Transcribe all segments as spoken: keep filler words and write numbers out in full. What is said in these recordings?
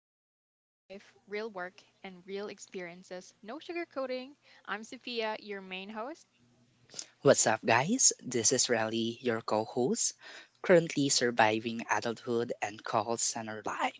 about real life, real work, and real experiences. No sugarcoating. I'm Sophia, your main host. What's up, guys? This is Rally, your co host, currently surviving adulthood and call center life.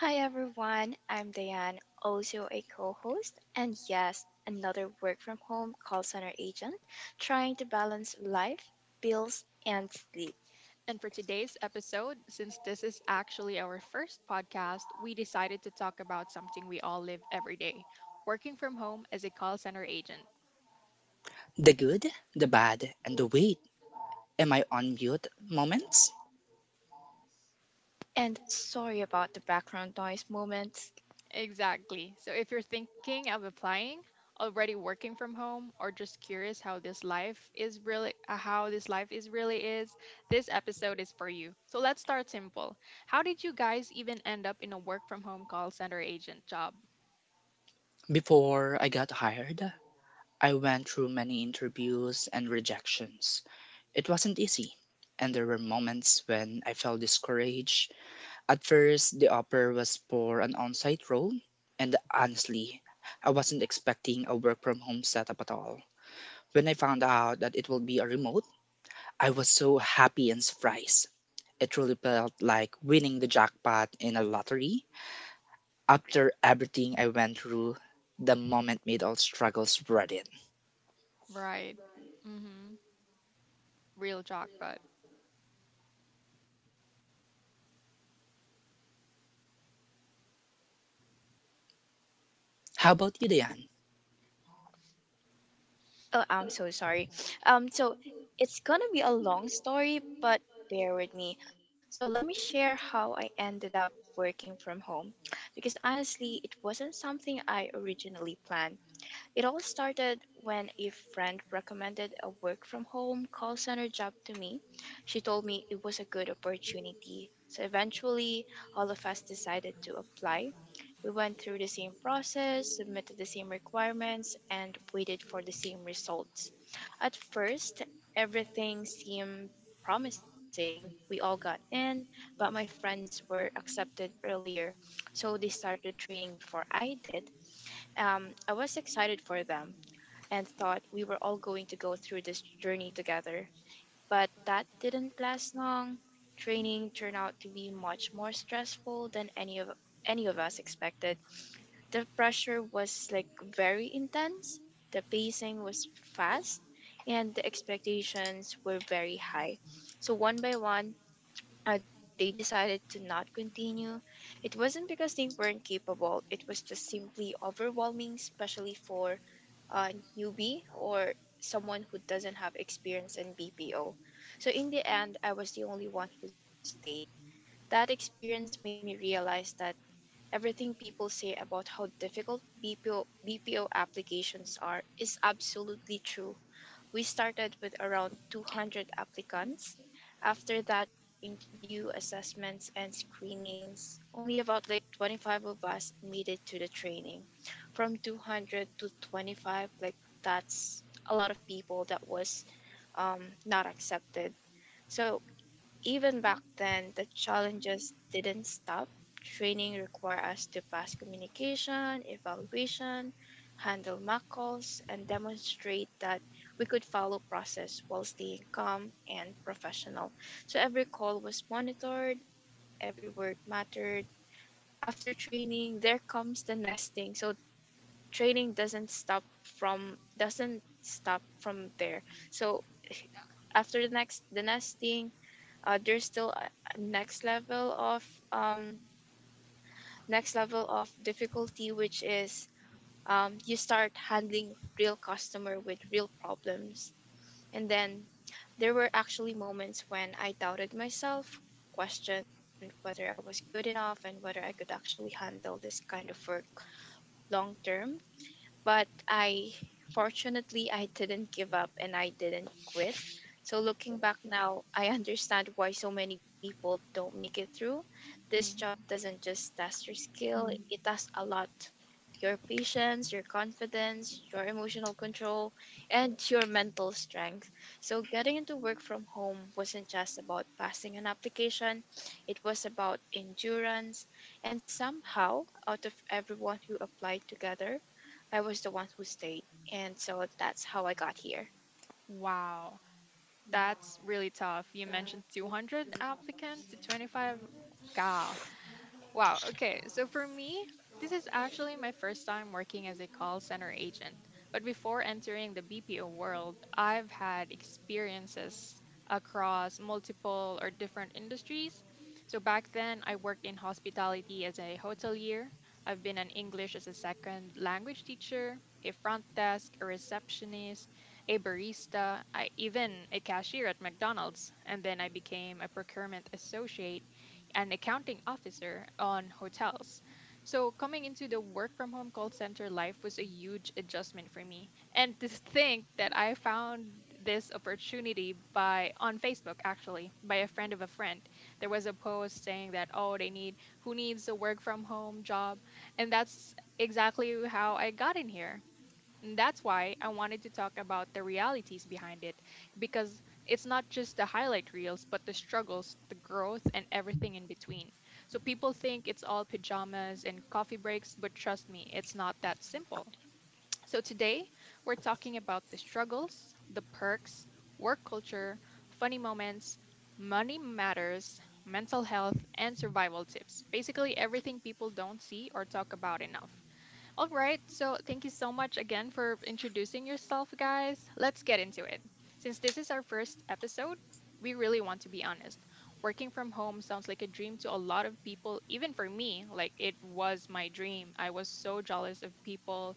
Hi everyone, I'm Diane, also a co host, and yes, another work from home call center agent trying to balance life, bills, and sleep. And for today's episode, since this is actually our first podcast, we decided to talk about something we all live every day working from home as a call center agent. The good, the bad, and the wait. Am I on mute moments? And sorry about the background noise moments. Exactly. So if you're thinking of applying, already working from home, or just curious how this life is really uh, how this life is really is, this episode is for you. So let's start simple. How did you guys even end up in a work from home call center agent job? Before I got hired, I went through many interviews and rejections. It wasn't easy, and there were moments when I felt discouraged. At first, the offer was for an on site role, and honestly, I wasn't expecting a work from home setup at all. When I found out that it will be a remote, I was so happy and surprised. It truly felt like winning the jackpot in a lottery. After everything I went through, the moment made all struggles worth it. Right. Mhm. Real jackpot. How about you, Diane? Oh, I'm so sorry. Um, so it's gonna be a long story, but bear with me. So let me share how I ended up working from home because honestly, it wasn't something I originally planned. It all started when a friend recommended a work from home call center job to me. She told me it was a good opportunity. So eventually, all of us decided to apply. We went through the same process, submitted the same requirements, and waited for the same results. At first, everything seemed promising. We all got in, but my friends were accepted earlier, so they started training before I did. Um, I was excited for them and thought we were all going to go through this journey together. But that didn't last long. Training turned out to be much more stressful than any of any of us expected. The pressure was like very intense, the pacing was fast, and the expectations were very high. So one by one, uh, they decided to not continue. It wasn't because they weren't capable, it was just simply overwhelming, especially for a newbie or someone who doesn't have experience in B P O. So in the end, I was the only one who stayed. That experience made me realize that everything people say about how difficult B P O, BPO applications are is absolutely true. We started with around two hundred applicants. After that interview, assessments, and screenings, only about like twenty-five of us made it to the training. From two hundred to twenty-five, like that's a lot of people that was um, not accepted. So even back then, the challenges didn't stop. Training required us to pass communication, evaluation, handle mock calls, and demonstrate that we could follow process while staying calm and professional. So every call was monitored, every word mattered. After training, there comes the nesting. So training doesn't stop from doesn't stop from there. So after the next the nesting, uh, there's still a a next level of um, next level of difficulty, which is um, you start handling real customer with real problems. And then there were actually moments when I doubted myself, questioned whether I was good enough and whether I could actually handle this kind of work long term, but I fortunately I didn't give up and I didn't quit. So looking back now, I understand why so many people don't make it through. This job Mhm. doesn't just test your skill, it tests a lot. Your patience, your confidence, your emotional control, and your mental strength. So getting into work from home wasn't just about passing an application, it was about endurance, and somehow, out of everyone who applied together, I was the one who stayed, and so that's how I got here. Wow. That's really tough. You mentioned two hundred applicants to twenty-five. Wow. Okay. So for me, this is actually my first time working as a call center agent. But before entering the B P O world, I've had experiences across multiple or different industries. So back then, I worked in hospitality as a hotelier. I've been an English as a second language teacher, a front desk, a receptionist, a barista, I, even a cashier at McDonald's. And then I became a procurement associate an accounting officer on hotels. So coming into the work from home call center life was a huge adjustment for me. And to think that I found this opportunity by on Facebook actually, by a friend of a friend. There was a post saying that oh they need who needs a work from home job, and that's exactly how I got in here. And that's why I wanted to talk about the realities behind it, because it's not just the highlight reels, but the struggles, the growth, and everything in between. So people think it's all pajamas and coffee breaks, but trust me, it's not that simple. So today, we're talking about the struggles, the perks, work culture, funny moments, money matters, mental health, and survival tips. Basically, everything people don't see or talk about enough. All right, so thank you so much again for introducing yourself, guys. Let's get into it. Since this is our first episode, we really want to be honest. Working from home sounds like a dream to a lot of people, even for me. Like, it was my dream. I was so jealous of people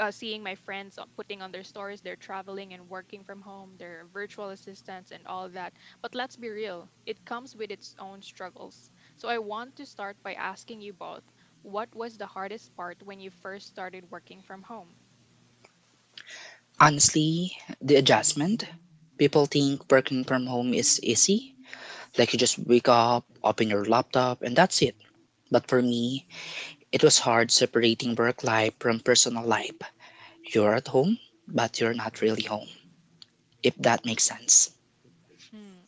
uh, seeing my friends on- putting on their stories, they're traveling and working from home, their virtual assistants, and all that. But let's be real, it comes with its own struggles. So I want to start by asking you both what was the hardest part when you first started working from home? Honestly, the adjustment. People think working from home is easy, like you just wake up, open your laptop, and that's it. But for me, it was hard separating work life from personal life. You're at home, but you're not really home, if that makes sense. Mm,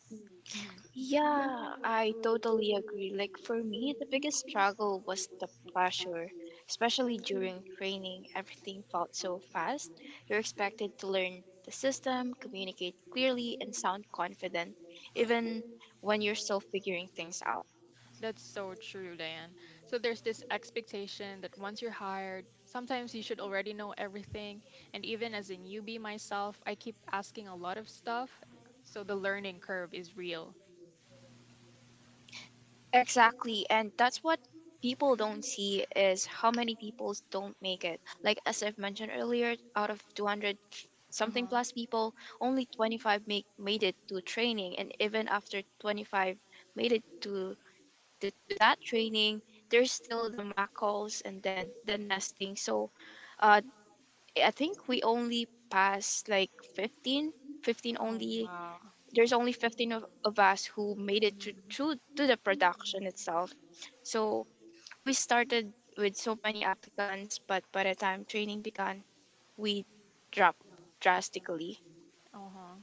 mhm. Yeah, I totally agree. Like for me, the biggest struggle was the pressure, especially during training. Everything felt so fast. You're expected to learn the system, communicate clearly, and sound confident, even when you're still figuring things out. That's so true, Diane. So there's this expectation that once you're hired, sometimes you should already know everything. And even as a newbie myself, I keep asking a lot of stuff. So the learning curve is real. Exactly, and that's what people don't see is how many people don't make it. Like as I've mentioned earlier, out of two hundred something Uh-huh. plus people, only twenty-five make made it to training, and even after twenty-five made it to to, to that training, there's still the macros and then the nesting. So uh, I think we only passed like fifteen, fifteen Oh, only, wow. there's only That- fifteen of, of us who made it to, mhm. to to the production itself. So we started with so many applicants, but by the time training began we dropped drastically. Uh-huh.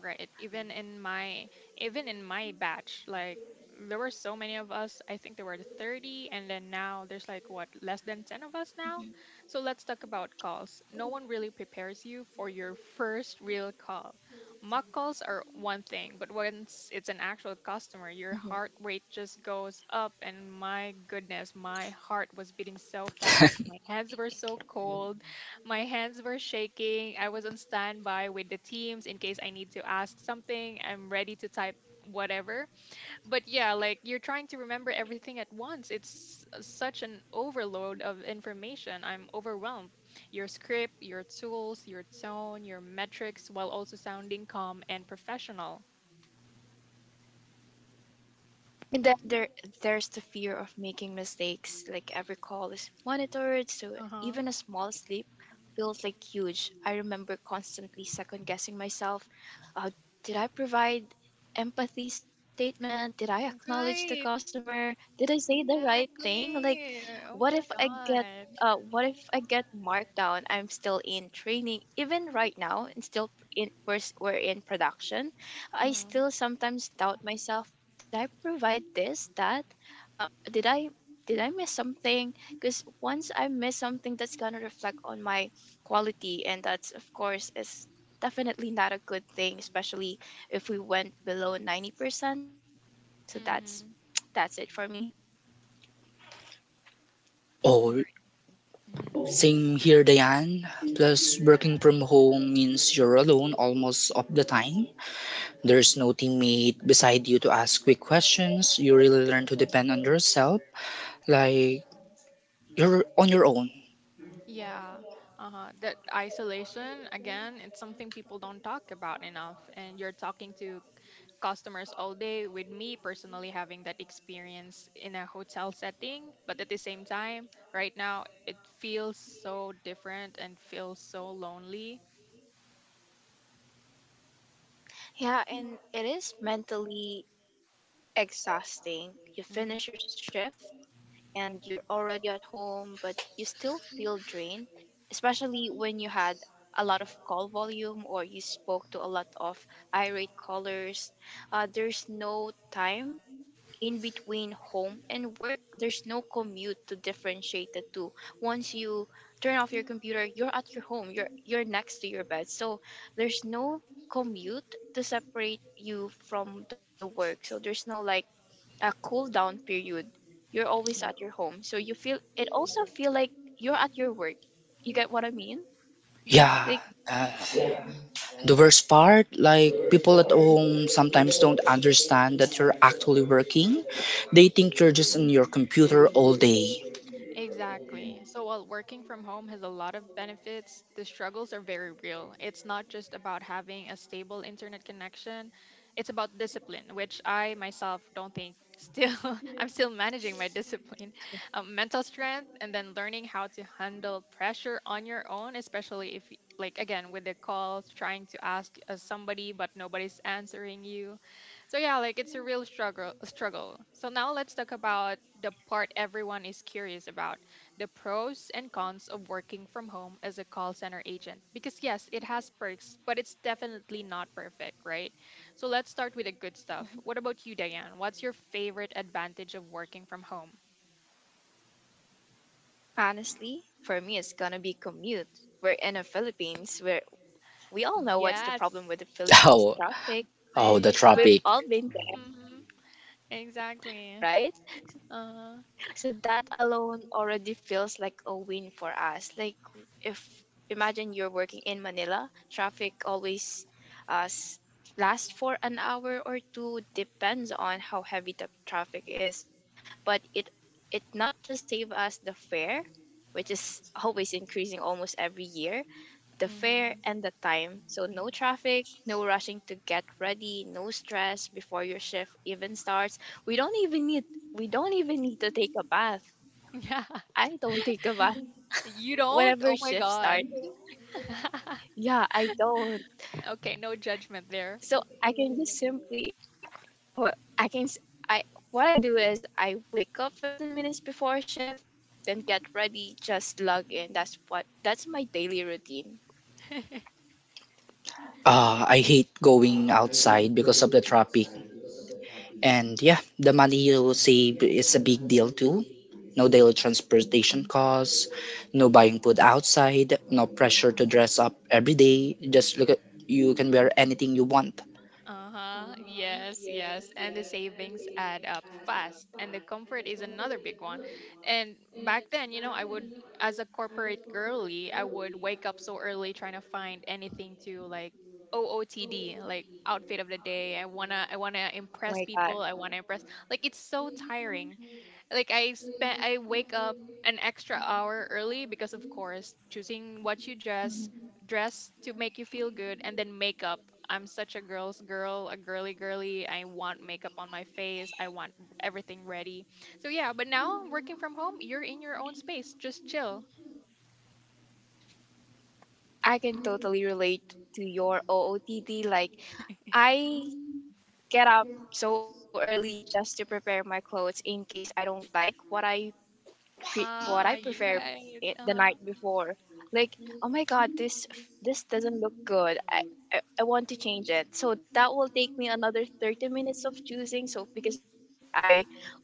Right. Even in my even in my batch, like there were so many of us. I think there were thirty and then now there's like what, less than ten of us now. So let's talk about calls. No one really prepares you for your first real call. Mock calls are one thing, but once it's an actual customer, your heart rate just goes up and my goodness, my heart was beating so fast, my hands were so cold my hands were shaking. I was on standby with the teams in case I need to ask something. I'm ready to type whatever. But yeah, like you're trying to remember everything at once. It's such an overload of information. I'm overwhelmed. Your script, your tools, your tone, your metrics, while also sounding calm and professional. And then there there's the fear of making mistakes. Like every call is monitored, so Uh huh. even a small slip feels like huge. I remember constantly second guessing myself. Uh, did I provide empathy statement? Did I acknowledge the Right. customer? Did I say the right thing? Like, Exactly. Oh what my if I get God. uh, what if I get marked down? I'm still in training, even right now, and still in we're, we're in production. Uh I huh. still sometimes doubt myself. Did I provide this, that? Uh, did I did I miss something? Because once I miss something, that's gonna reflect on my quality, and that's of course is definitely not a good thing, especially if we went below ninety percent. So Mm that's hmm. that's it for me. Oh, Right. Hmm. same here, Diane. Plus, working from home means you're alone almost of the time. There's no teammate beside you to ask quick questions. You really learn to depend on yourself. Like, you're on your own. Yeah, uh-huh. That isolation, again, it's something people don't talk about enough. And you're talking to customers all day, with me personally having that experience in a hotel setting. But at the same time, right now, it feels so different and feels so lonely. Yeah, and it is mentally exhausting. You finish Hmm. your shift and you're already at home, but you still feel drained, especially when you had a lot of call volume or you spoke to a lot of irate callers. Uh, there's no time in between home and work. There's no commute to differentiate the two. Once you turn off your computer, you're at your home. You're you're next to your bed. So there's no commute to separate you from the work. So there's no like a cool down period, you're always Yeah. at your home, so you feel it also feel like you're at your work. You get what I mean? Yeah. Yeah. Like, Uh, Mm-hmm. the worst part, like, people at home sometimes don't understand that you're actually working. They think you're just on your computer all day. Exactly. So while working from home has a lot of benefits, the struggles are very real. It's not just about having a stable internet connection, it's about discipline, which I myself don't think still, I'm still managing my discipline, um, mental strength, and then learning how to handle pressure on your own, especially if, y- like, again, with the calls, trying to ask uh, somebody, but nobody's answering you so yeah, like it's a real struggle struggle. So now let's talk about the part everyone is curious about, the pros and cons of working from home as a call center agent. Because yes, it has perks, but it's definitely not perfect, right? So let's start with the good stuff. mhm. What about you, Diane? What's your favorite advantage of working from home? Honestly for me it's gonna be commute. We're in the Philippines where we all know what's the problem with the Yes. Philippines Oh, traffic. oh, the We've Yep. traffic. all been there, Hmm. right? Exactly. Uh-huh. So that alone already feels like a win for us. Like if imagine you're working in Manila, traffic always uh, s- lasts for an hour or two, depends on how heavy the traffic is. But it it not just save us the fare, which is always increasing almost every year, the fare Hmm. and the time. So no traffic, no rushing to get ready, no stress before your shift even starts. We don't even need we don't even need to take a bath. Yeah. I don't take a bath You don't? whenever Oh my shift starts. God. Yeah, I don't. Okay, no judgment there. So I can just simply well, I can s- I what I do is I wake up fifteen minutes before shift, then get ready, just log in. That's what that's my daily routine. Uh, I hate going outside because of the traffic. And yeah, the money you save is a big deal too. No daily transportation costs, no buying food outside, no pressure to dress up every day. Just look at, you can wear anything you want. Uh-huh. Yes, yes. And the savings add up fast. And the comfort is another big one. And back then, you know, I would as a corporate girly, I would wake up so early trying to find anything to like O O T D, like outfit of the day. I wanna I wanna Oh my impress god. people. I wanna impress. Like it's so tiring like I spend I wake up an extra hour early because of course choosing what you dress dress to make you feel good and then makeup. I'm such a girl's girl, a girly girly. I want makeup on my face. I want everything ready. So yeah, but now working from home, you're in your own space. Just chill. I can totally relate to your O O T D. Like, I get up so early just to prepare my clothes in case I don't like what I pre- what I Ah, prefer you're it the right. night Uh, before. Like, oh my god, this f- this doesn't look good. I, I I want to change it. So that will take me another thirty minutes of choosing. So because I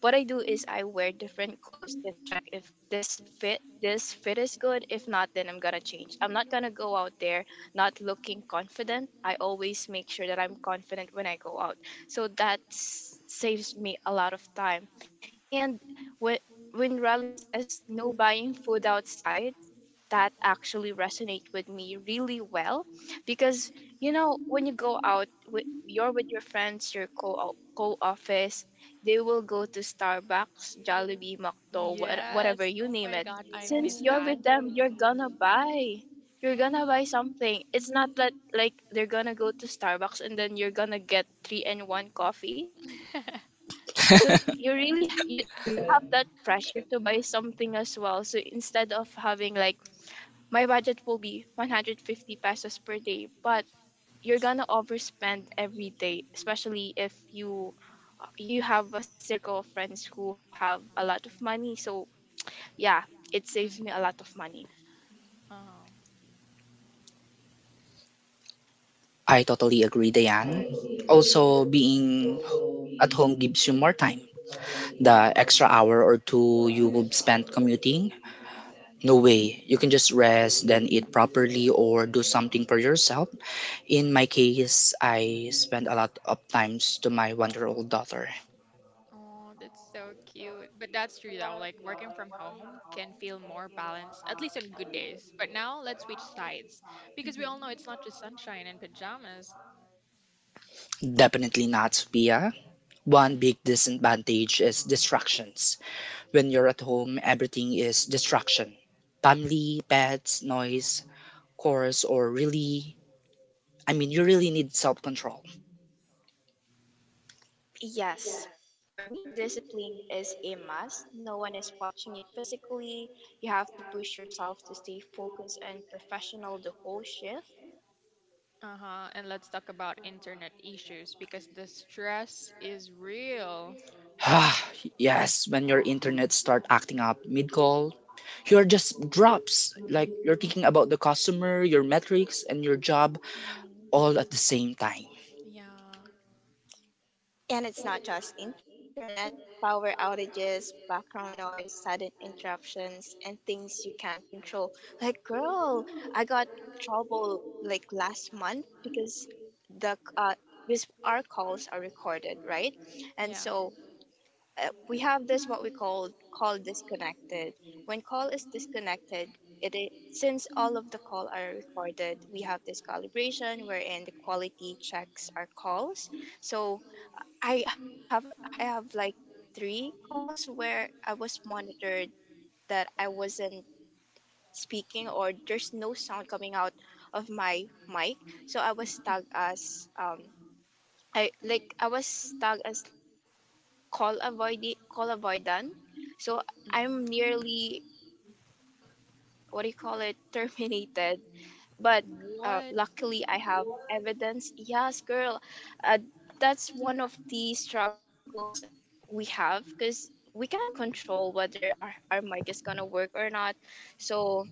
what I do is I wear different clothes then check if this fit this fit is good. If not, then I'm gonna change. I'm not gonna go out there not looking confident. I always make sure that I'm confident when I go out. So that s- saves me a lot of time. And when when Riley says no buying food outside, that actually resonates with me really well because you know when you go out with you're with your friends, your co co office, they will go to Starbucks, Jollibee, Macdo, what, whatever yes. you Oh name my it. God, I miss Since you're that. with them, you're gonna buy. You're gonna buy Mm-hmm. something. It's not that like they're gonna go to Starbucks and then you're gonna get three and one coffee, so That's, you really h- you have that pressure to buy something as well. So instead of having like my budget will be one hundred fifty pesos per day, but you're gonna overspend every day, especially if you you have a circle of friends who have a lot of money. So yeah, it saves me a lot of money. oh. I totally agree, Diane. Also, being at home gives you more time. The extra hour or two you will spend commuting, no way. You can just rest, then eat properly, or do something for yourself. In my case, I spent a lot of times to my one year old daughter. Oh, that's so cute. But that's true though, like working from home can feel more balanced, at least on good days. But now let's switch sides because Mhm. we all know it's not just sunshine and pajamas. Definitely not, Sophia. One Mm, big disadvantage is distractions. When you're at home, everything is distraction, family, pets, noise, chorus, or really, I mean, you really need self control. Yes, for me, discipline is a must. No one is watching you physically. You have to push yourself to stay focused and professional the whole shift. uh-huh. And let's talk about internet issues because the stress is real. Yes, when your internet start acting up mid call, you're just drops. Like you're thinking about the customer, your metrics, and your job Mm, all at the same time. yeah. And it's not just internet, power outages, background noise, sudden interruptions, and things you can't control. Like, girl, I got trouble like last month because the uh, with our calls are recorded, right? And Yeah. so uh, we have this what we call call disconnected. When call is disconnected, it is, since all of the call are recorded, we have this calibration wherein the quality checks our calls. So I have a- I have like three calls where I was monitored that I wasn't speaking or there's no sound coming out of my mic. So I was tagged as um I like I was tagged as call avoid call avoidant. So I'm Mm. nearly what do you call it terminated, but uh, What? luckily I have evidence. Yes, girl, uh, that's one of the struggles we have because we can't control whether our, our mic is gonna work or not. So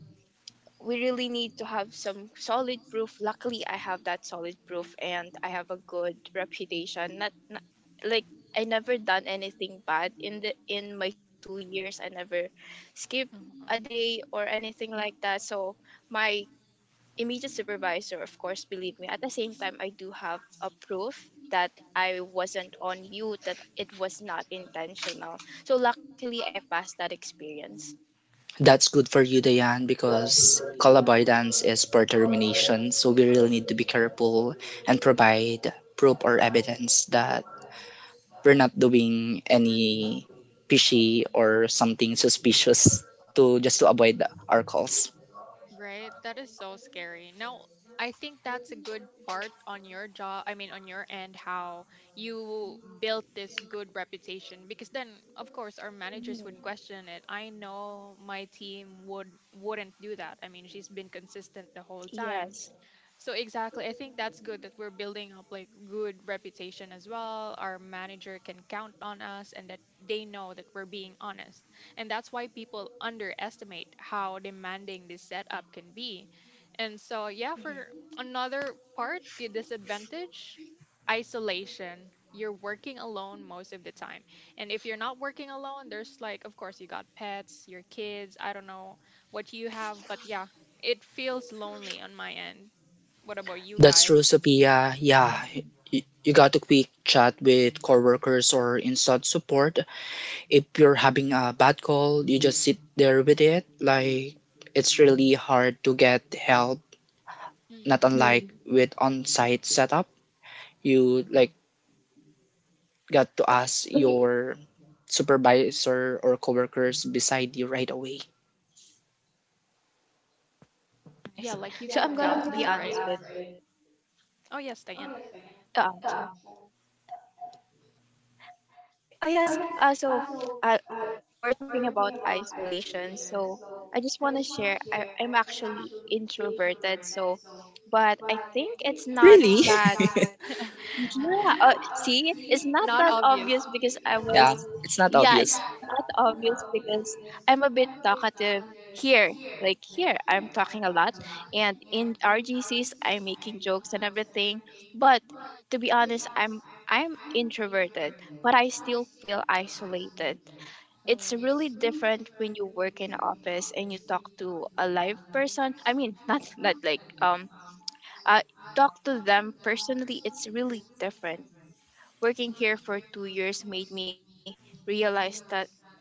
we really need to have some solid proof. Luckily, I have that solid proof and I have a good reputation. Not, not Like I never done anything bad in the in my two years. I never skipped a Mhm. day or anything like that. So my immediate supervisor, of course, believe me. At the same time, I do have a proof that I wasn't on mute, that it was not intentional. So luckily, I passed that experience. That's good for you, Diane, because call avoidance is for termination. So we really need to be careful and provide proof or evidence that we're not doing any fishy or something suspicious to just to avoid our calls. Right? That is so scary. Now, I think that's a good part on your job, I mean, on your end, how you built this good reputation because then, of course, our managers Mhm. would question it. I know my team would wouldn't do that. I mean, she's been consistent the whole time. Yes. So exactly, I think that's good that we're building up like good reputation as well. Our manager can count on us and that they know that we're being honest. And that's why people underestimate how demanding this setup can be. And so yeah, for Mhm. another part, the disadvantage, isolation. You're working alone most of the time. And if you're not working alone, there's like of course you got pets, your kids, I don't know what you have, but yeah, it feels lonely on my end what about you That's guys? true, Sophia. Yeah, y- you got a quick chat with coworkers or inside support. If you're having a bad call, you just sit there with it. Like it's really hard to get help, not Hmm. unlike Mm. with on-site setup, you like got to Like, y- ask your supervisor or coworkers beside you right away. I yeah, see. like you So can't I'm gonna gossip, be right? honest with Oh, yes, Diane. the answer. Oh yes. Uh, so uh, we're talking about isolation. So I just want to share. I, I'm actually introverted. So, but I think it's not Really? that. Yeah. Uh, see, it's not Not that obvious. obvious because I was, Yeah, it's not yeah, it's obvious. not obvious because I'm a bit talkative here. Like here, I'm talking a lot, and in R G Cs, I'm making jokes and everything. But to be honest, I'm I'm introverted, but I still feel isolated. It's Mm, really different when you work in office and you talk to a live person. I mean, not not like um uh talk to them personally. It's really different. Working here for two years made me realize that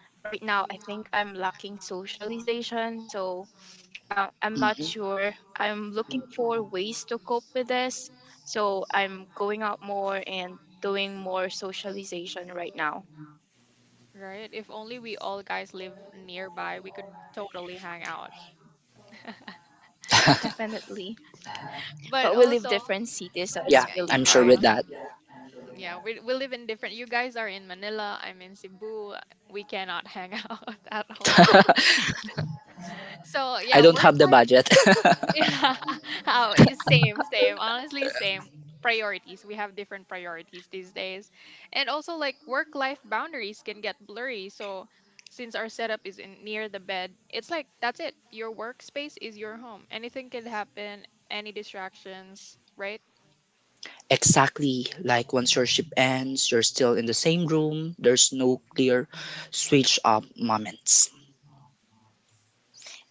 right now I think I'm lacking socialization. So uh, I'm not Mhm. sure. I'm looking for ways to cope with this. So I'm going out more and doing more socialization right now. right? If only we all guys live nearby, we could totally hang out. Definitely. But But we also, live y- different cities, so Yeah, it's I'm really sure yeah, with hard. that. yeah, we, we live in different. You guys are in Manila, I'm in Cebu. We cannot hang out at all. So, I yeah, don't work have the life budget. Yeah. Oh, y- same, same. Honestly, same. Priorities. We have different priorities these days. And also like work-life boundaries can get blurry. So since our setup is in near the bed, it's like that's it. Your workspace is your home. Anything can happen, any distractions, right? Exactly. Like once your shift ends, you're still in the same room. There's no clear switch up moments.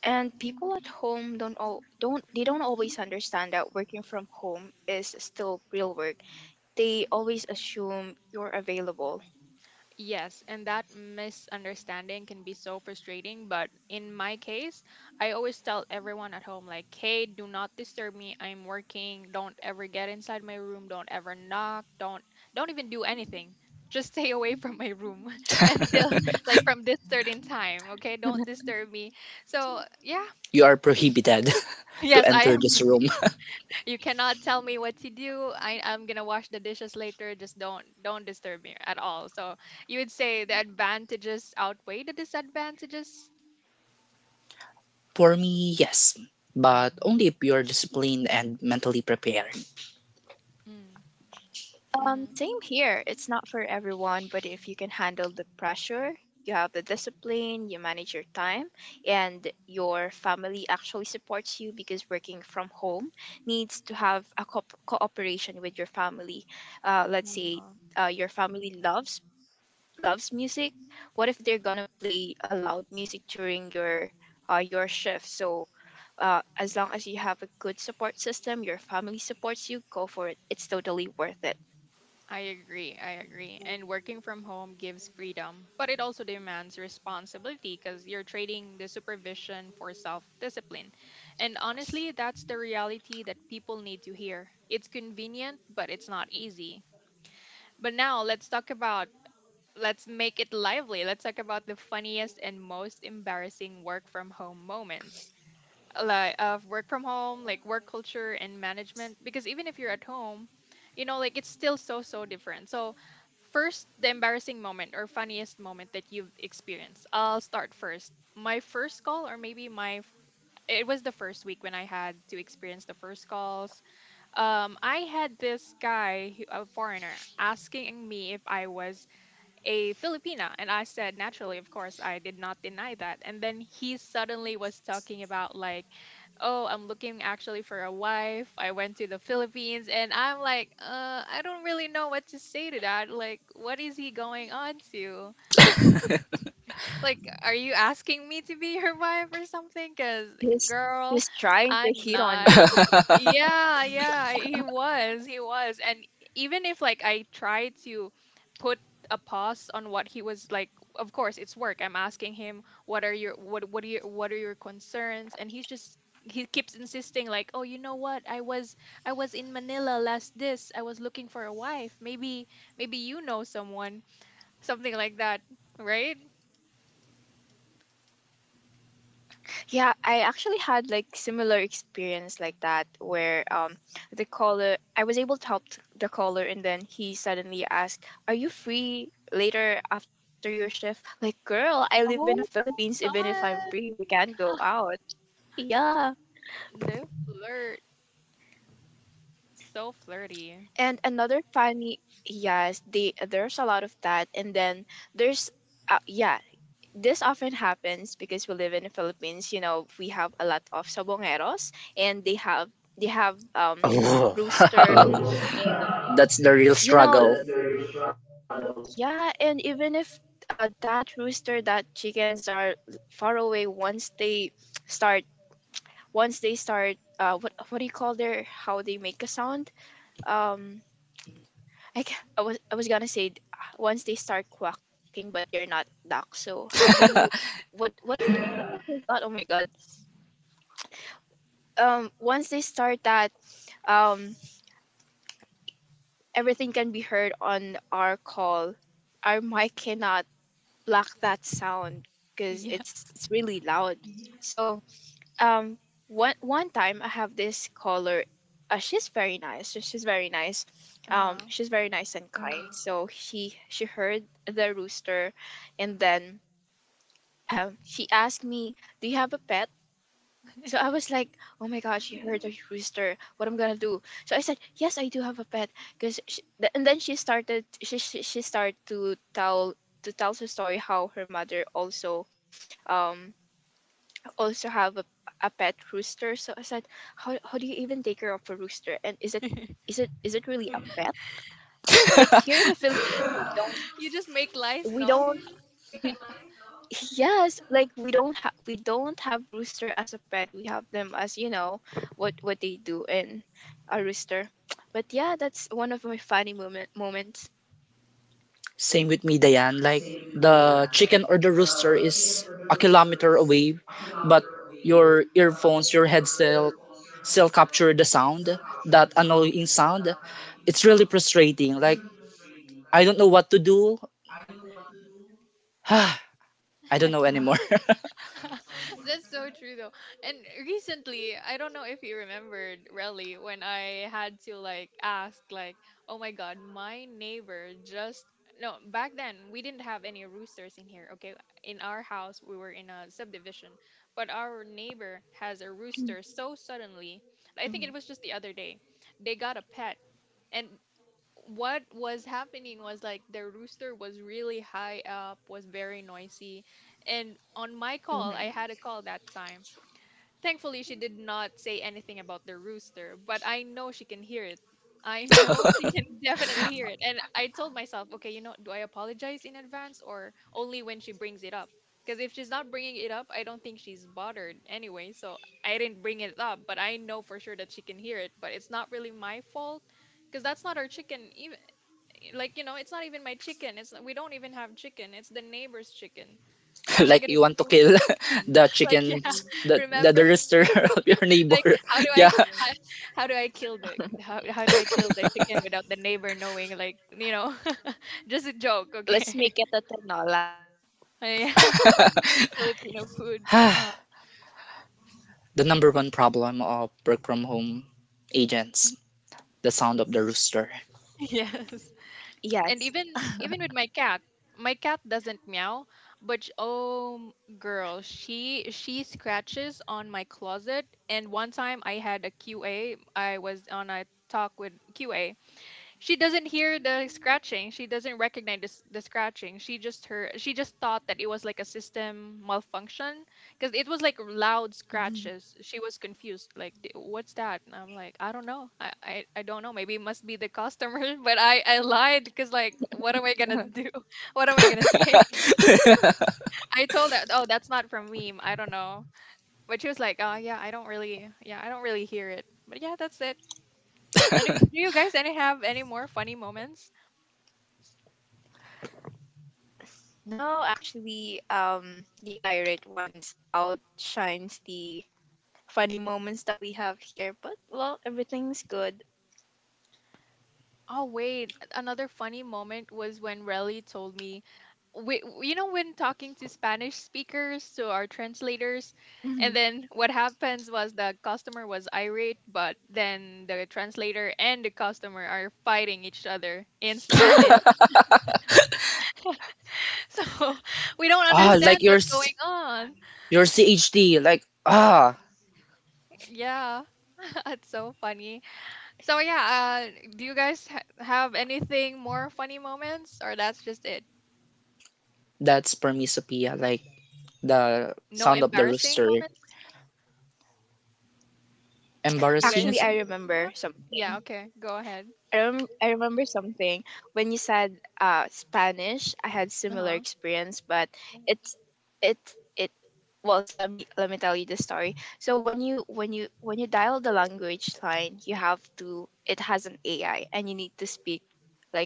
And people at home don't all don't they don't always understand that working from home is still real work. They always assume you're available. Yes, and that misunderstanding can be so frustrating. But in my case, I always tell everyone at home, like, hey, do not disturb me. I'm working. Don't ever get inside my room. Don't ever knock. Don't don't even do anything. Just stay away from my room until like from this certain time. Okay, don't disturb me. So yeah, You are prohibited to yes, I enter this am room. you cannot tell me what to do. I, I'm gonna wash the dishes later. Just don't don't disturb me at all. So you would say the advantages outweigh the disadvantages. For me, yes, but only if you are disciplined and mentally prepared. Mm, Um, mm-hmm. same here. It's not for everyone, but if you can handle the pressure, you have the discipline, you manage your time, and your family actually supports you because working from home needs to have a co- cooperation with your family. Uh, let's Mhm. say uh, your family loves loves music. What if they're gonna play a loud music during your uh, your shift? So uh, as long as you have a good support system, your family supports you, go for it. It's totally worth it. I agree. I agree. And working from home gives freedom, but it also demands responsibility because you're trading the supervision for self discipline. And honestly, that's the reality that people need to hear. It's convenient, but it's not easy. But now let's talk about let's make it lively. Let's talk about the funniest and most embarrassing work from home moments. Like of work from home, like work culture and management. Because even if you're at home, you know, like it's still so so different. So first the embarrassing moment or funniest moment that you've experienced. I'll start first. My first call or maybe my f- it was the first week when I had to experience the first calls. Um, I had this guy, who- a foreigner, asking me if I was a Filipina. And I said, naturally, of course, I did not deny that. And then he suddenly was talking about, like, "Oh, I'm looking actually for a wife. I went to the Philippines." And I'm like, uh, I don't really know what to say to that. Like, what is he going on to? Like, are you asking me to be your wife or something? Because, He's girl, he's trying to I'm hit on not. you. Yeah, yeah, he was. He was. And even if like I tried to put a pause on what he was like, of course it's work. I'm asking him what are your what what are your what are your concerns? And he's just he keeps insisting like, "Oh, you know what? I was I was in Manila last this. I was looking for a wife. Maybe maybe you know someone." Something like that, right? Yeah, I actually had like similar experience like that where um the caller I was able to help the caller and then he suddenly asked, "Are you free later after your shift?" Like, "Girl, I live in the Oh Philippines. Even if I'm God. free, we can't go out." Yeah. The flirt. So flirty. And another funny, yes, they there's a lot of that, and then there's, uh, yeah, this often happens because we live in the Philippines. You know, we have a lot of sabongeros, and they have they have um Oh, rooster. Oh, that's the and real you struggle. know, yeah, and even if uh, that rooster, that chickens are far away once they start, once they start, uh, what what do you call their how they make a sound? um. I, ca- I was I was gonna say d- once they start quacking, but they're not ducks. So how do you what what is? Oh my god, oh my god. Um once they start that, um everything can be heard on our call. Our mic cannot block that sound because Yeah. it's it's really loud. So um one one time I have this caller. Uh, she's very nice, so she's very nice. Uh-huh. Um she's very nice and kind, so she she heard the rooster. And then um, she asked me, "Do you have a pet?" So I was like, "Oh my God, she heard a rooster. What am I gonna do?" So I said, "Yes, I do have a pet." Cause she, th- and then she started she, she she started to tell to tell her story how her mother also um also have a, a pet rooster. So I said, "How how do you even take care of a rooster? And is it is it is it really a pet? Like here in the Philippines, we You don't just make lies, no? we don't we Yes, like we don't have we don't have rooster as a pet. We have them as, you know, what what they do in a rooster." But yeah, that's one of my funny moment moments. Same with me, Diane. Like the chicken or the rooster is a kilometer away, but your earphones, your headset still capture the sound, that annoying sound. It's really frustrating. Like I don't know what to do. I don't know anymore. That's so true though. And recently, I don't know if you remembered really when I had to like ask like, "Oh my god, my neighbor just no, back then we didn't have any roosters in here, okay? In our house, we were in a subdivision, but our neighbor has a Mm-hmm. rooster so suddenly." I think it was just the other day. They got a pet. And what was happening was like the rooster was really high up, was very noisy. And on my Mm-hmm. call, I had a call that time. Thankfully, she did not say anything about the rooster, but I know she can hear it. I know she can definitely hear it. And I told myself, okay, you know, do I apologize in advance or only when she brings it up? Because if she's not bringing it up, I don't think she's bothered anyway. So I didn't bring it up, but I know for sure that she can hear it. But it's not really my fault because that's not our chicken. Even eh, like you know it's not even my chicken, it's we don't even have chicken, it's the neighbor's chicken. What am I Like gonna you want to do? kill the like yeah, chickens, the the, the remember, rooster of your like neighbor. how do Yeah. i how, how do I kill the how, how do i kill the chicken without the neighbor knowing, like you know just a joke, Let's okay? Lola. yeah. filipino food. uh The number one problem of work from home agents, the sound of the rooster. yes, and Yes. even even with my cat, my cat doesn't meow, but sh- oh girl, she she scratches on my closet. And one time I had a QA, I was on a talk with QA. She doesn't hear the scratching. She doesn't recognize the, s- the scratching. She just her she just thought that it was like a system malfunction because it was like loud scratches. She was confused. Like, "D- What's that?" And I'm like, I don't know. I I, I don't know. Maybe it must be the customer. But I I lied because like, what am I gonna do? What am I gonna say? I told her, oh, that's not from me. I don't know. But she was like, oh yeah, I don't really yeah, I don't really hear it. But yeah, that's it. Any, do you guys any have any more funny moments? No, actually, um, the irate ones outshines the funny moments that we have here. But well, everything's good. Oh wait, another funny moment was when Relly told me, we, you know, when talking to Spanish speakers, to our translators, and Mhm. then what happens was the customer was irate, but then the translator and the customer are fighting each other in Spanish, so we don't Ah, understand like your what's going s- on. your C H D, like ah, Yeah, that's so funny. So yeah, uh, do you guys ha- have anything more funny moments, or that's just it? that's for me, Sophia. Like the No sound of the embarrassing rooster. moments? You guys? Embarrassing Actually, is I Yeah. remember Yeah, something. okay. Go ahead. I, rem- I remember something when you said uh, Spanish. I had Uh-huh. similar experience, but it's it's it. Well, so let me let me tell you the story. So when you when you when you dial the language line, you have to. It has an A I, and you need to speak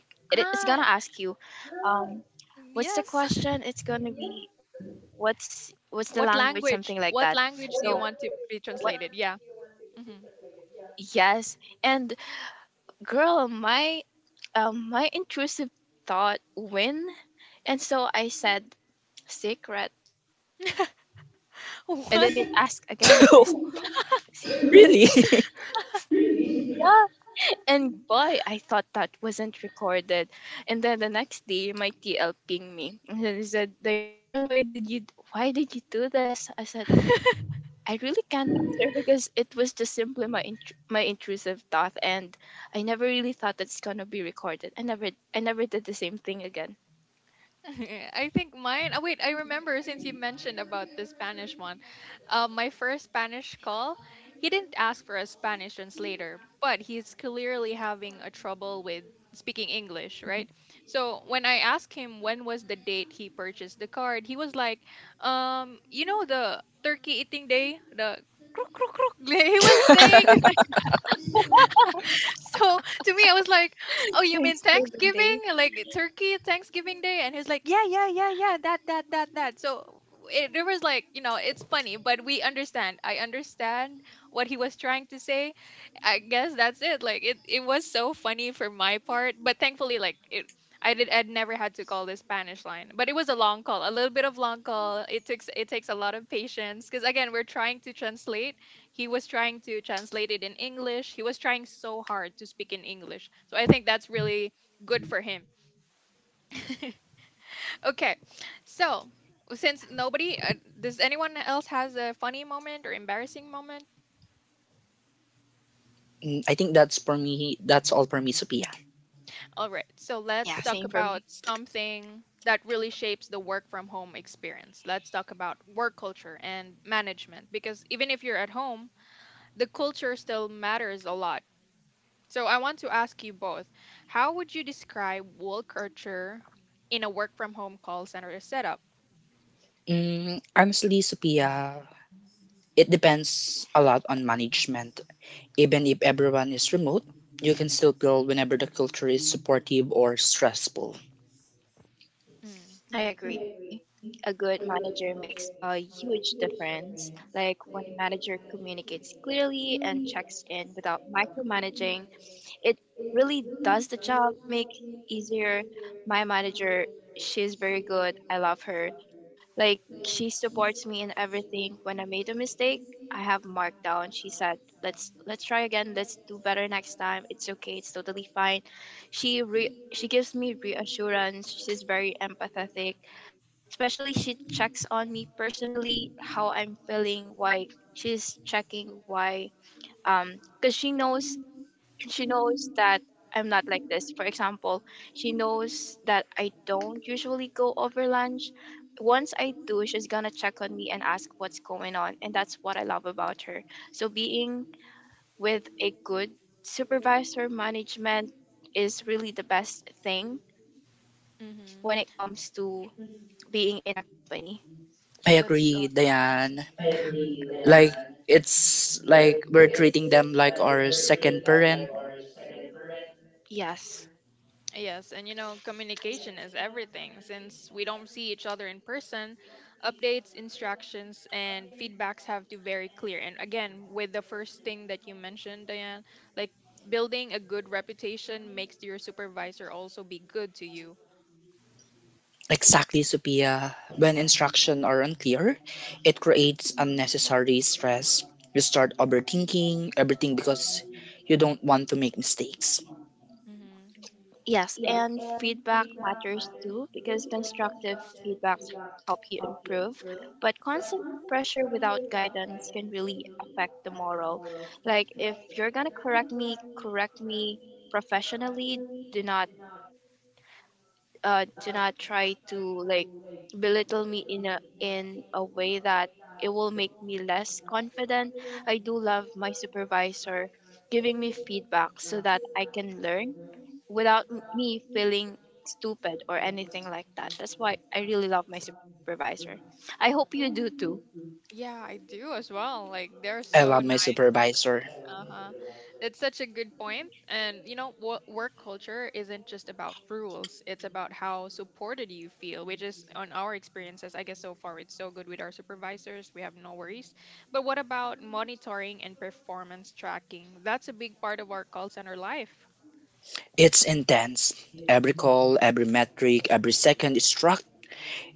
like it, it's Ah, gonna ask you, um, what's the yes. question? It's gonna be what's what's the What language, something like language? that. What So language do you want to be what? translated? Yeah. Mm-hmm. Yes, and girl, my um, my intrusive thought win? And so I said, secret. And then it What? asked again. I said, really? yeah. And boy, I thought that wasn't recorded. And then the next day, my T L pinged me. And then he said, "Diane, why did you, why did you do this?" I said, I really can't answer because it was just simply my, intr- my intrusive thought. And I never really thought it's going to be recorded. I never, I never did the same thing again. I think mine. Oh wait, I remember since you mentioned about the Spanish one. Um, my first Spanish call, he didn't ask for a Spanish translator, but he's clearly having a trouble with speaking English, right? So when I asked him when was the date he purchased the card, he was like, um, you know the turkey eating day, the kruk kruk kruk. He was saying, so to me, I was like, "Oh, you mean Thanksgiving, like Turkey Thanksgiving Day?" And he's like, "Yeah, yeah, yeah, yeah, that, that, that, that." So it, there was like, you know, it's funny, but we understand. I understand what he was trying to say. I guess that's it. Like it, it was so funny for my part, but thankfully, like it. I did. I'd never had to call the Spanish line, but it was a long call, a little bit of long call. It takes it takes a lot of patience because again, we're trying to translate. He was trying to translate it in English. He was trying so hard to speak in English. So I think that's really good for him. Okay. So, since nobody, uh, does anyone else has a funny moment or embarrassing moment? Mm, I think that's for me. That's all for me, Sophia. All right. So let's Yeah, talk same for about me. something that really shapes the work from home experience. Let's talk about work culture and management, because even if you're at home, the culture still matters a lot. So I want to ask you both, how would you describe work culture in a work from home call center setup? Mm, honestly, Sophia, it depends a lot on management. Even if everyone is remote, you can still grow whenever the culture is supportive or stressful. Mm, I agree. A good manager makes a huge difference. Like when a manager communicates clearly and checks in without micromanaging, it really does the job make easier. My manager, she's very good, I love her. Like she supports me in everything. When I made a mistake, I have markdown. She said, "Let's let's try again, let's do better next time, it's okay, it's totally fine." She re- she gives me reassurance, she's very empathetic. Especially she checks on me personally how I'm feeling. Why she's checking why um because she knows she knows that I'm not like this. For example, she knows that I don't usually go over lunch. Once I do, she's gonna check on me and ask what's going on. And that's what I love about her. So being with a good supervisor management is really the best thing when it mm-hmm. comes to being in a company. I That's so agree, nice. Diane. Mm. Like it's like we're treating them like our second parent. Yes. Yes, and you know, communication is everything. Since we don't see each other in person, updates, instructions, and feedbacks have to be very clear. And again, with the first thing that you mentioned, Diane, like building a good reputation makes your supervisor also be good to you. Exactly, Sophia. When instructions are unclear, it creates unnecessary stress. You start overthinking everything because you don't want to make mistakes. Mhm. Yes, and feedback matters too because constructive feedbacks help you improve, but constant pressure without guidance can really affect the moral. Like if you're gonna correct me, correct me professionally. Do not uh do not try to like belittle me in a in a way that it will make me less confident. I do love my supervisor giving me feedback so that I can learn without m- me feeling stupid or anything like that. That's why I really love my supervisor. I hope you do too. Yeah, I do as well. Like they're I so love my nice. supervisor. Uh-huh. That's such a good point. And you know, what work culture isn't just about rules. It's about how supported you feel, which is on our experiences, I guess so far it's so good with our supervisors. We have no worries. But what about monitoring and performance tracking? That's a big part of our call center life. It's intense. Every call, every metric, every second is tracked.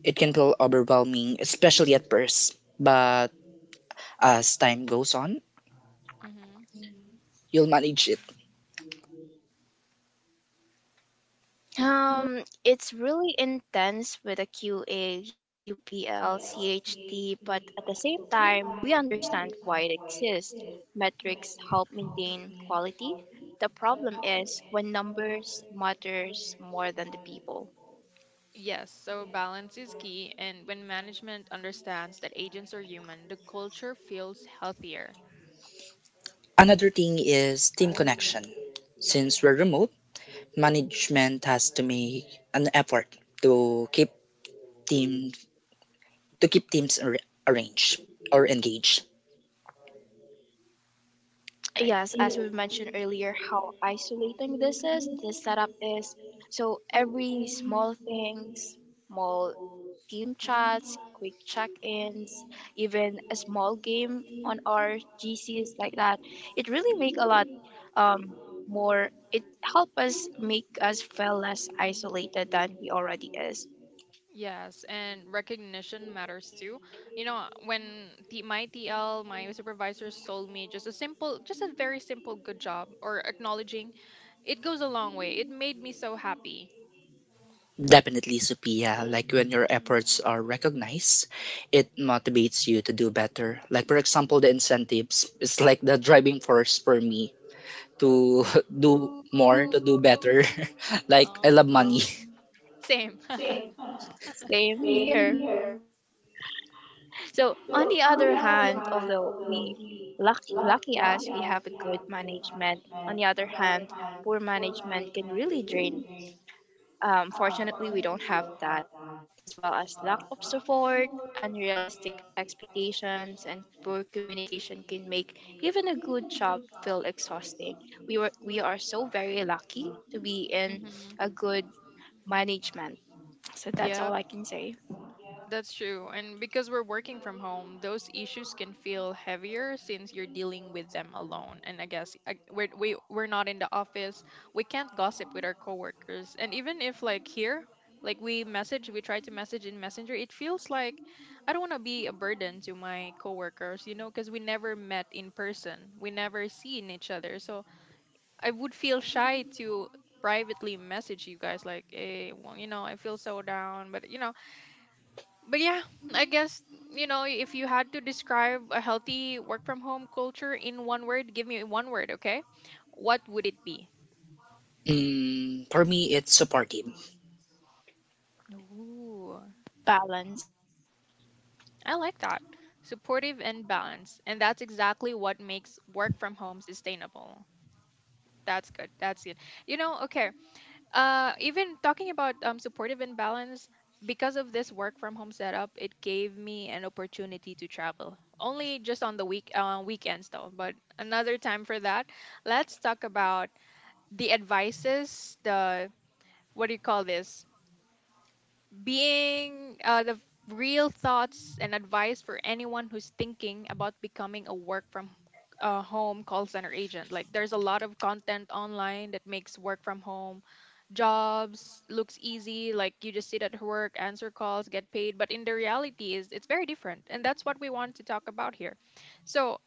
It can feel overwhelming, especially at first. But as time goes on, Mm-hmm. you'll manage it. Um, it's really intense with a Q A, but at the same time, we understand why it exists. Metrics help maintain quality. The problem is when numbers matters more than the people. Yes, so balance is key, and when management understands that agents are human, the culture feels healthier, Another thing is team connection. Since we're remote, management has to make an effort to keep team, to keep teams ar- arranged or engaged. right? Yes, as we mentioned earlier, how isolating this is, this setup is. So every small things, small team chats, quick check-ins, even a small game on our G Cs like that, it really make a lot um, more. It help us make us feel less isolated than we already is. Yes, and recognition matters too. You know, when the, my T L, my supervisors told me just a simple, just a very simple good job or acknowledging, it goes a long way. It made me so happy. Definitely, Sophia. Like when your efforts are recognized, it motivates you to do better. Like for example, the incentives is like the driving force for me to do more, Ooh. to do better. Like I Oh, love money. same. Same here. So, on the other hand, although we lucky, lucky us, we have a good management. On the other hand, poor management can really drain. Um, fortunately, we don't have that, as well as lack of support, unrealistic expectations, and poor communication can make even a good job feel exhausting. We were we are so very lucky to be in hmm. a good management. So Yep. that's all I can say. That's true. And because we're working from home, those issues can feel heavier since you're dealing with them alone. And I guess I, we're, we, we're not in the office. We can't gossip with our coworkers. And even if, like, here, like we message, we try to message in Messenger, it feels like I don't want to be a burden to my coworkers, you know, because we never met in person. We never seen each other. So I would feel shy to privately message you guys like hey well, you know, I feel so down, but you know, but yeah, I guess, you know, if you had to describe a healthy work from home culture in one word, give me one word, okay? What would it be? Mm, for me, it's supportive. Ooh, Balance. I like that. Supportive and balanced. And that's exactly what makes work from home sustainable. That's good. That's good. You know, okay. uh, even talking about um, supportive and balance, because of this work from home setup, it gave me an opportunity to travel. Only just on the week uh, weekends though, but another time for that. Let's talk about the advices, the what do you call this? Being uh, the real thoughts and advice for anyone who's thinking about becoming a work from uh, home call center agent. Like there's a lot of content online that makes work from home jobs looks easy, like you just sit at work, answer calls, get paid, but in the reality is it's very different, and that's what we want to talk about here. So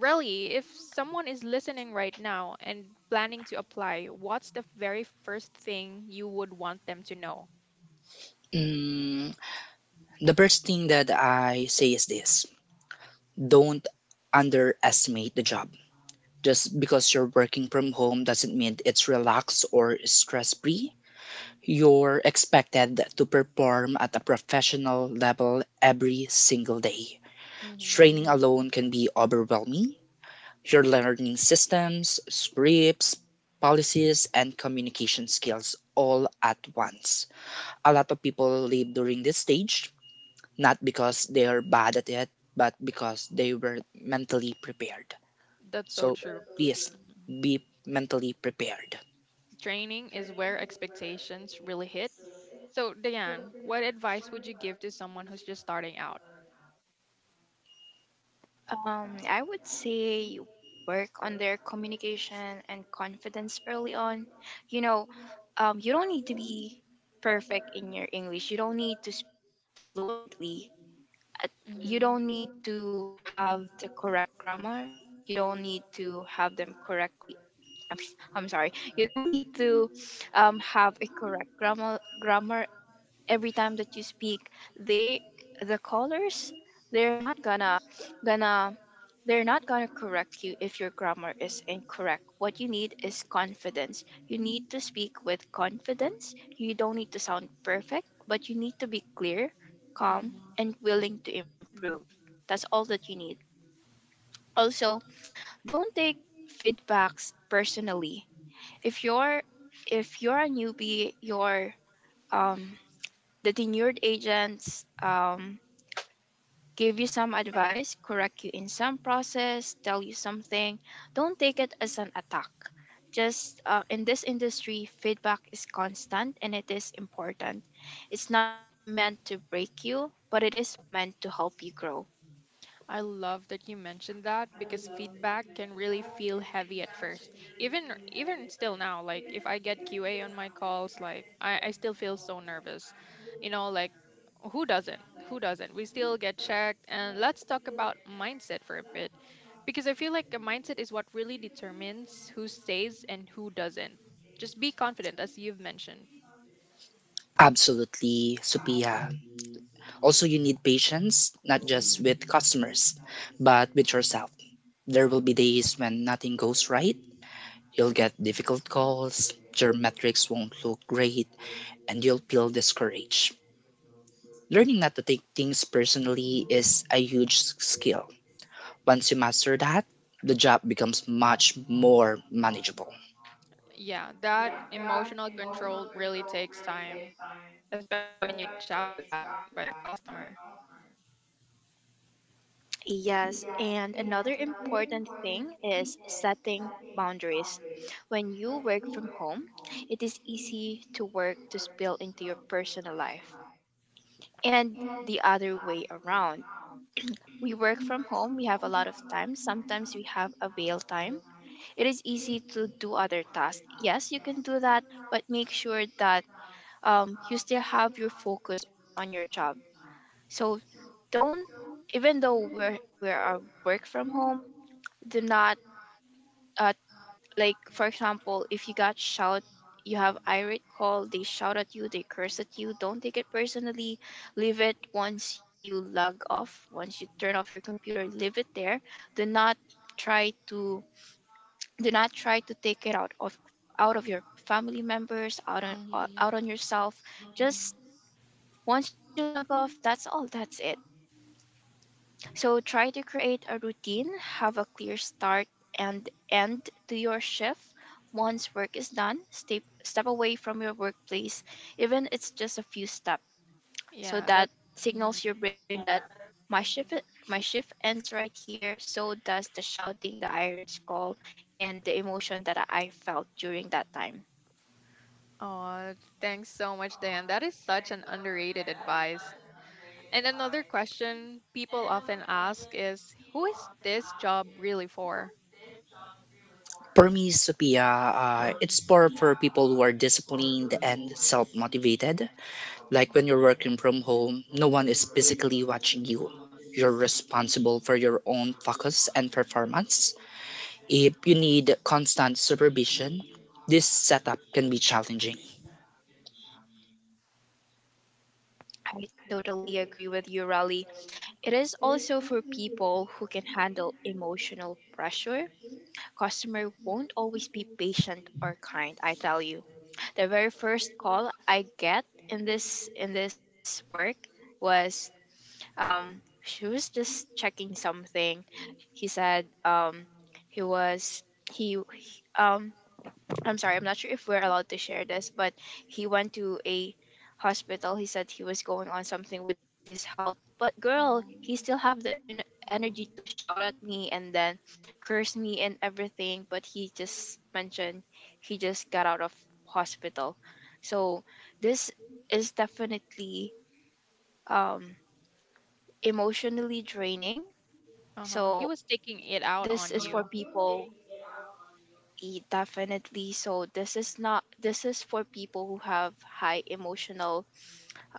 really, if someone is listening right now and planning to apply, what's the very first thing you would want them to know? Mm, the first thing that I say is this: don't underestimate the job. Just because you're working from home doesn't mean it's relaxed or stress free. You're expected to perform at a professional level every single day. Training alone can be overwhelming. You're learning systems, scripts, policies, and communication skills all at once. A lot of people leave during this stage, not because they are bad at it, but because they were mentally prepared. That's so So true. please Mhm. be mentally prepared. Training is where expectations really hit. So, Diane, what advice would you give to someone who's just starting out? Um, I would say you work on their communication and confidence early on. You know, um, you don't need to be perfect in your English. You don't need to speak fluently. At- You Mm-hmm. don't need to have the correct grammar. You don't need to have them correctly. I'm, s- I'm sorry. You don't need to um, have a correct grammar grammar every time that you speak. they the callers, they're not gonna gonna they're not gonna correct you if your grammar is incorrect. What you need is confidence. You need to speak with confidence. You don't need to sound perfect, but you need to be clear, calm, and willing to improve. That's all that you need. Also, don't take feedbacks personally. if you're if you're a newbie, you're um the tenured agents um, give you some advice, correct you in some process, tell you something. Don't take it as an attack. Just uh, in this industry, feedback is constant and it is important. It's not meant to break you, but it is meant to help you grow. I love that you mentioned that because feedback can really feel heavy at first. Even r- even still now, like if I get Q A on my calls, like I, I still feel so nervous. You know, like who doesn't? Who doesn't? We still get checked. And let's talk about mindset for a bit. Because I feel like a mindset is what really determines who stays and who doesn't. Just be confident as you've mentioned. Absolutely, Sophia. Also, you need patience, not just Hmm. with customers, but with yourself. There will be days when nothing goes right. You'll get difficult calls, your metrics won't look great, and you'll feel discouraged. Learning not to take things personally is a huge skill. Once you master that, the job becomes much more manageable. Yeah, that emotional control really takes time. Especially when you get shouted at by a customer. Yes, and another important thing is setting boundaries. When you work from home, it is easy to work to spill into your personal life and the other way around. We work from home, we have a lot of time. Sometimes we have avail time. It is easy to do other tasks. Yes, you can do that, but make sure that um, you still have your focus on your job. So don't, even though we're, we're a work from home, do not uh, like for example if you got shout, you have irate call, they shout at you, they curse at you, don't take it personally. Leave it. Once you log off, once you turn off your computer, leave it there. do not try to do not try to take it out of out of your family members, out on Hmm. out on yourself. Just once you log off, that's all, that's it. So try to create a routine, have a clear start and end to your shift. Once work is done, step step away from your workplace, even it's just a few steps. So Yeah, that. that Hmm. signals your brain that my shift my shift ends right here. So does the shouting, the Irish call, and the emotion that I felt during that time. Oh, thanks so much, Dan. That is such an underrated advice. And another question people often ask is who is this job really for? For me, Sophia, uh, it's for, for people who are disciplined and self motivated. Like when you're working from home, no one is physically watching you. You're responsible for your own focus and performance. If you need constant supervision, this setup can be challenging. I totally agree with you, Raleigh. It is also for people who can handle emotional pressure. Customer won't always be patient or kind, I tell you. The very first call I get in this in this work was um she was just checking something. He said um he was he um I'm sorry, I'm not sure if we're allowed to share this, but he went to a hospital. He said he was going on something with his health, but girl, he Um. still have the en- energy to shout at me and then curse me and everything, but he just mentioned he just got out of hospital. So this is definitely um emotionally draining. Uh-huh. He So was taking it out this on is for you. people E- Definitely. So this is not, this is for people who have high emotional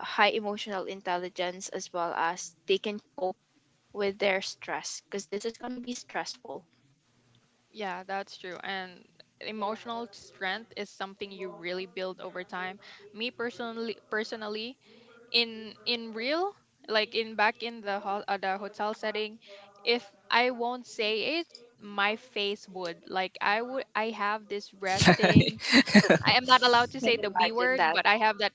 high emotional intelligence, as well as they can cope with their stress because this is gonna be stressful. Yeah, that's true. And emotional strength is something you really build over time. Me personally personally, in in real like in back in the ho- uh, the hotel setting, if I won't say it, my face would like i would I have this resting, I am not allowed to say Can the B imagine word, that? but I have that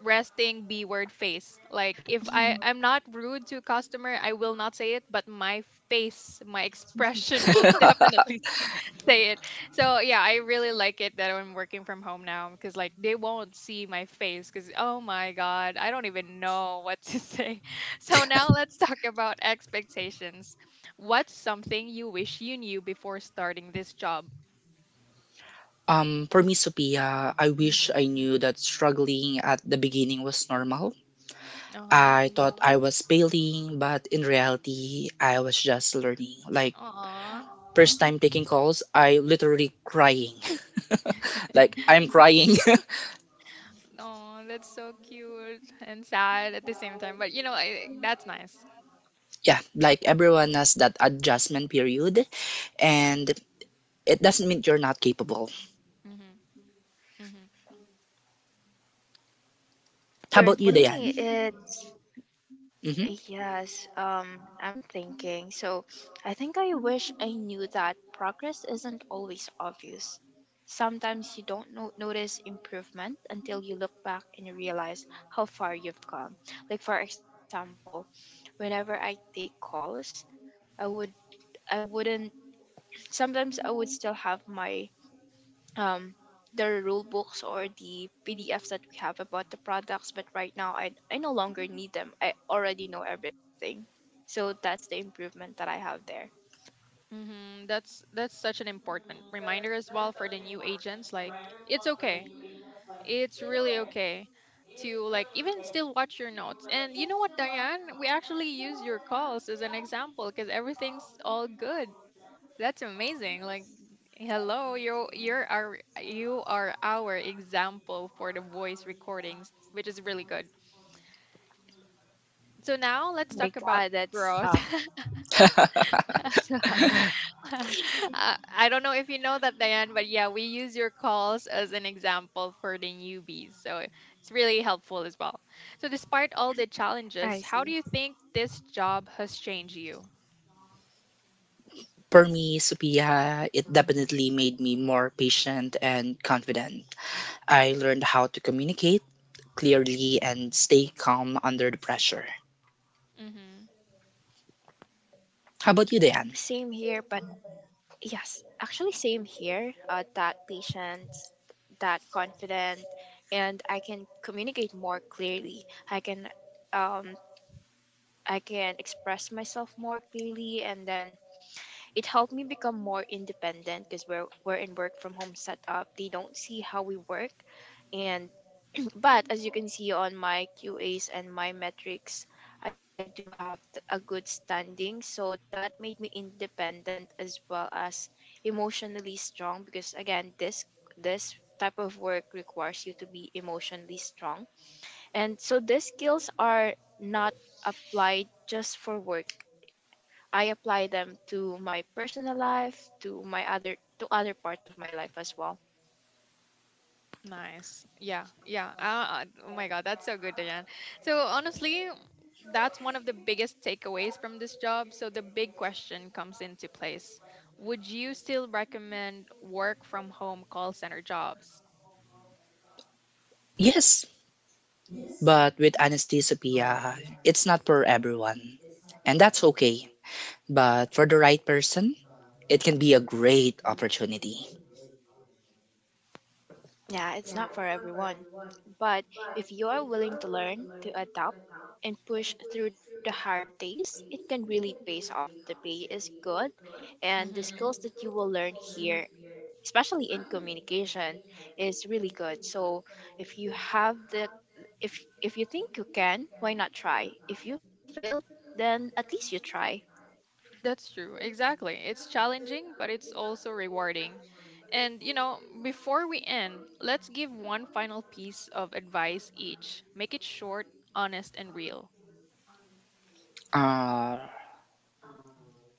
resting B word face. Like if I I'm not rude to customer, I will not say it, but my face, my expression will definitely s- say it. So yeah, I really like it that I'm working from home now because like they won't see my face because oh my god, I don't even know what to say. So now let's talk about expectations. What's something you wish you knew before starting this job? um, for me, Sophia, I wish I knew that struggling at the beginning was normal. Uh I thought I was failing, but in reality, I was just learning. Like, huh. first time taking calls, I literally crying. Like, I'm crying. Oh, that's so cute and sad at the same time. But you know, I, that's nice. Yeah, like everyone has that adjustment period, and it doesn't mean you're not capable. Mm-hmm. Mm-hmm. How For about you, What? A, me, Dayan? it's Hmm. yes. Um, I'm thinking. So I think I wish I knew that progress isn't always obvious. Sometimes you don't no- notice improvement until you look back and realize how far you've come. Like for example, whenever I take calls, I would I wouldn't sometimes I would still have my um the rule books or the P D Fs that we have about the products, but right now I I no longer need them. I already know everything. So that's the improvement that I have there. Mm-hmm. That's that's such an important reminder as well for the new agents. Like, it's okay. It's really okay to like even still watch your notes. And you know what, Diane? We actually use your calls as an example because everything's all good. That's amazing. Like, hello, you you're our you are our example for the voice recordings, which is really good. So now My let's talk god, about that's up. growth. uh, I don't know if you know that, Diane, but yeah, we use your calls as an example for the newbies. So it's really helpful as well. So, despite all the I challenges, see. how do you think this job has changed you? For me, Sophia, it definitely made me more patient and confident. I learned how to communicate clearly and stay calm under the pressure. Mm-hmm. How about you, Same Dayan? here, but Yes, actually, same here. Uh, that patient, that confident, and I can communicate more clearly. I can, um, I can express myself more clearly, and then it helped me become more independent because we're we're in work from home setup. They don't see how we work, and but as you can see on my Q As and my metrics, I do have t- a good standing. So that made me independent as well as emotionally strong because again, this this type of work requires you to be emotionally strong. And so these skills are not applied just for work. I apply them to my personal life, to my other to other parts of my life as well. Nice. Yeah. Yeah. Uh, uh, oh my God, that's so good, Diane. So honestly, that's one of the biggest takeaways from this job. So the big question comes into place. Would you still recommend work from home call center jobs? Yes, but with anesthesia, it's not for everyone. And that's okay. But for the right person, it can be a great opportunity. Yeah, it's not for everyone. But if you are willing to learn, to adapt, and push through the hard days, it can really pay off. The pay is good, and the Hmm. skills that you will learn here, especially in communication, is really good. So if you have the if if you think you can, why not try? If you fail, then at least you try. That's true. Exactly. It's challenging, but it's also rewarding. And, you know, before we end, let's give one final piece of advice each. Make it short, honest, and real. Uh,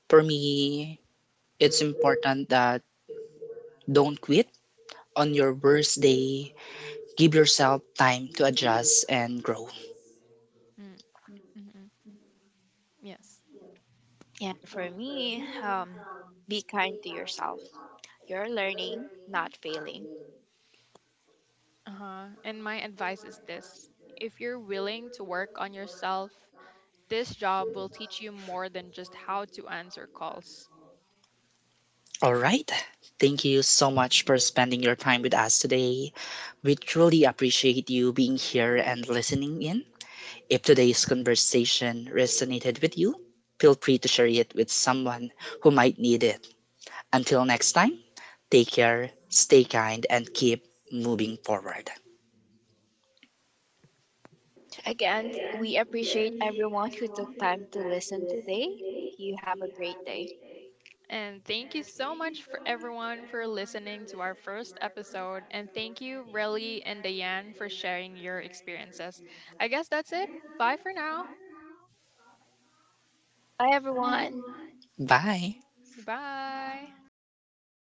for me, it's important that don't quit on your worst day. Give yourself time to adjust and grow. Mm-hmm. Yes. And for me, um, be kind to yourself. You're learning, not failing. Uh-huh. And my advice is this. If you're willing to work on yourself, this job will teach you more than just how to answer calls. All right. Thank you so much for spending your time with us today. We truly appreciate you being here and listening in. If today's conversation resonated with you, feel free to share it with someone who might need it. Until next time, take care, stay kind, and keep moving forward. Again, we appreciate everyone who took time to listen today. You have a great day. And thank you so much for everyone for listening to our first episode. And thank you, Relly and Diane, for sharing your experiences. I guess that's it. Bye for now. Bye, everyone. Bye. Bye.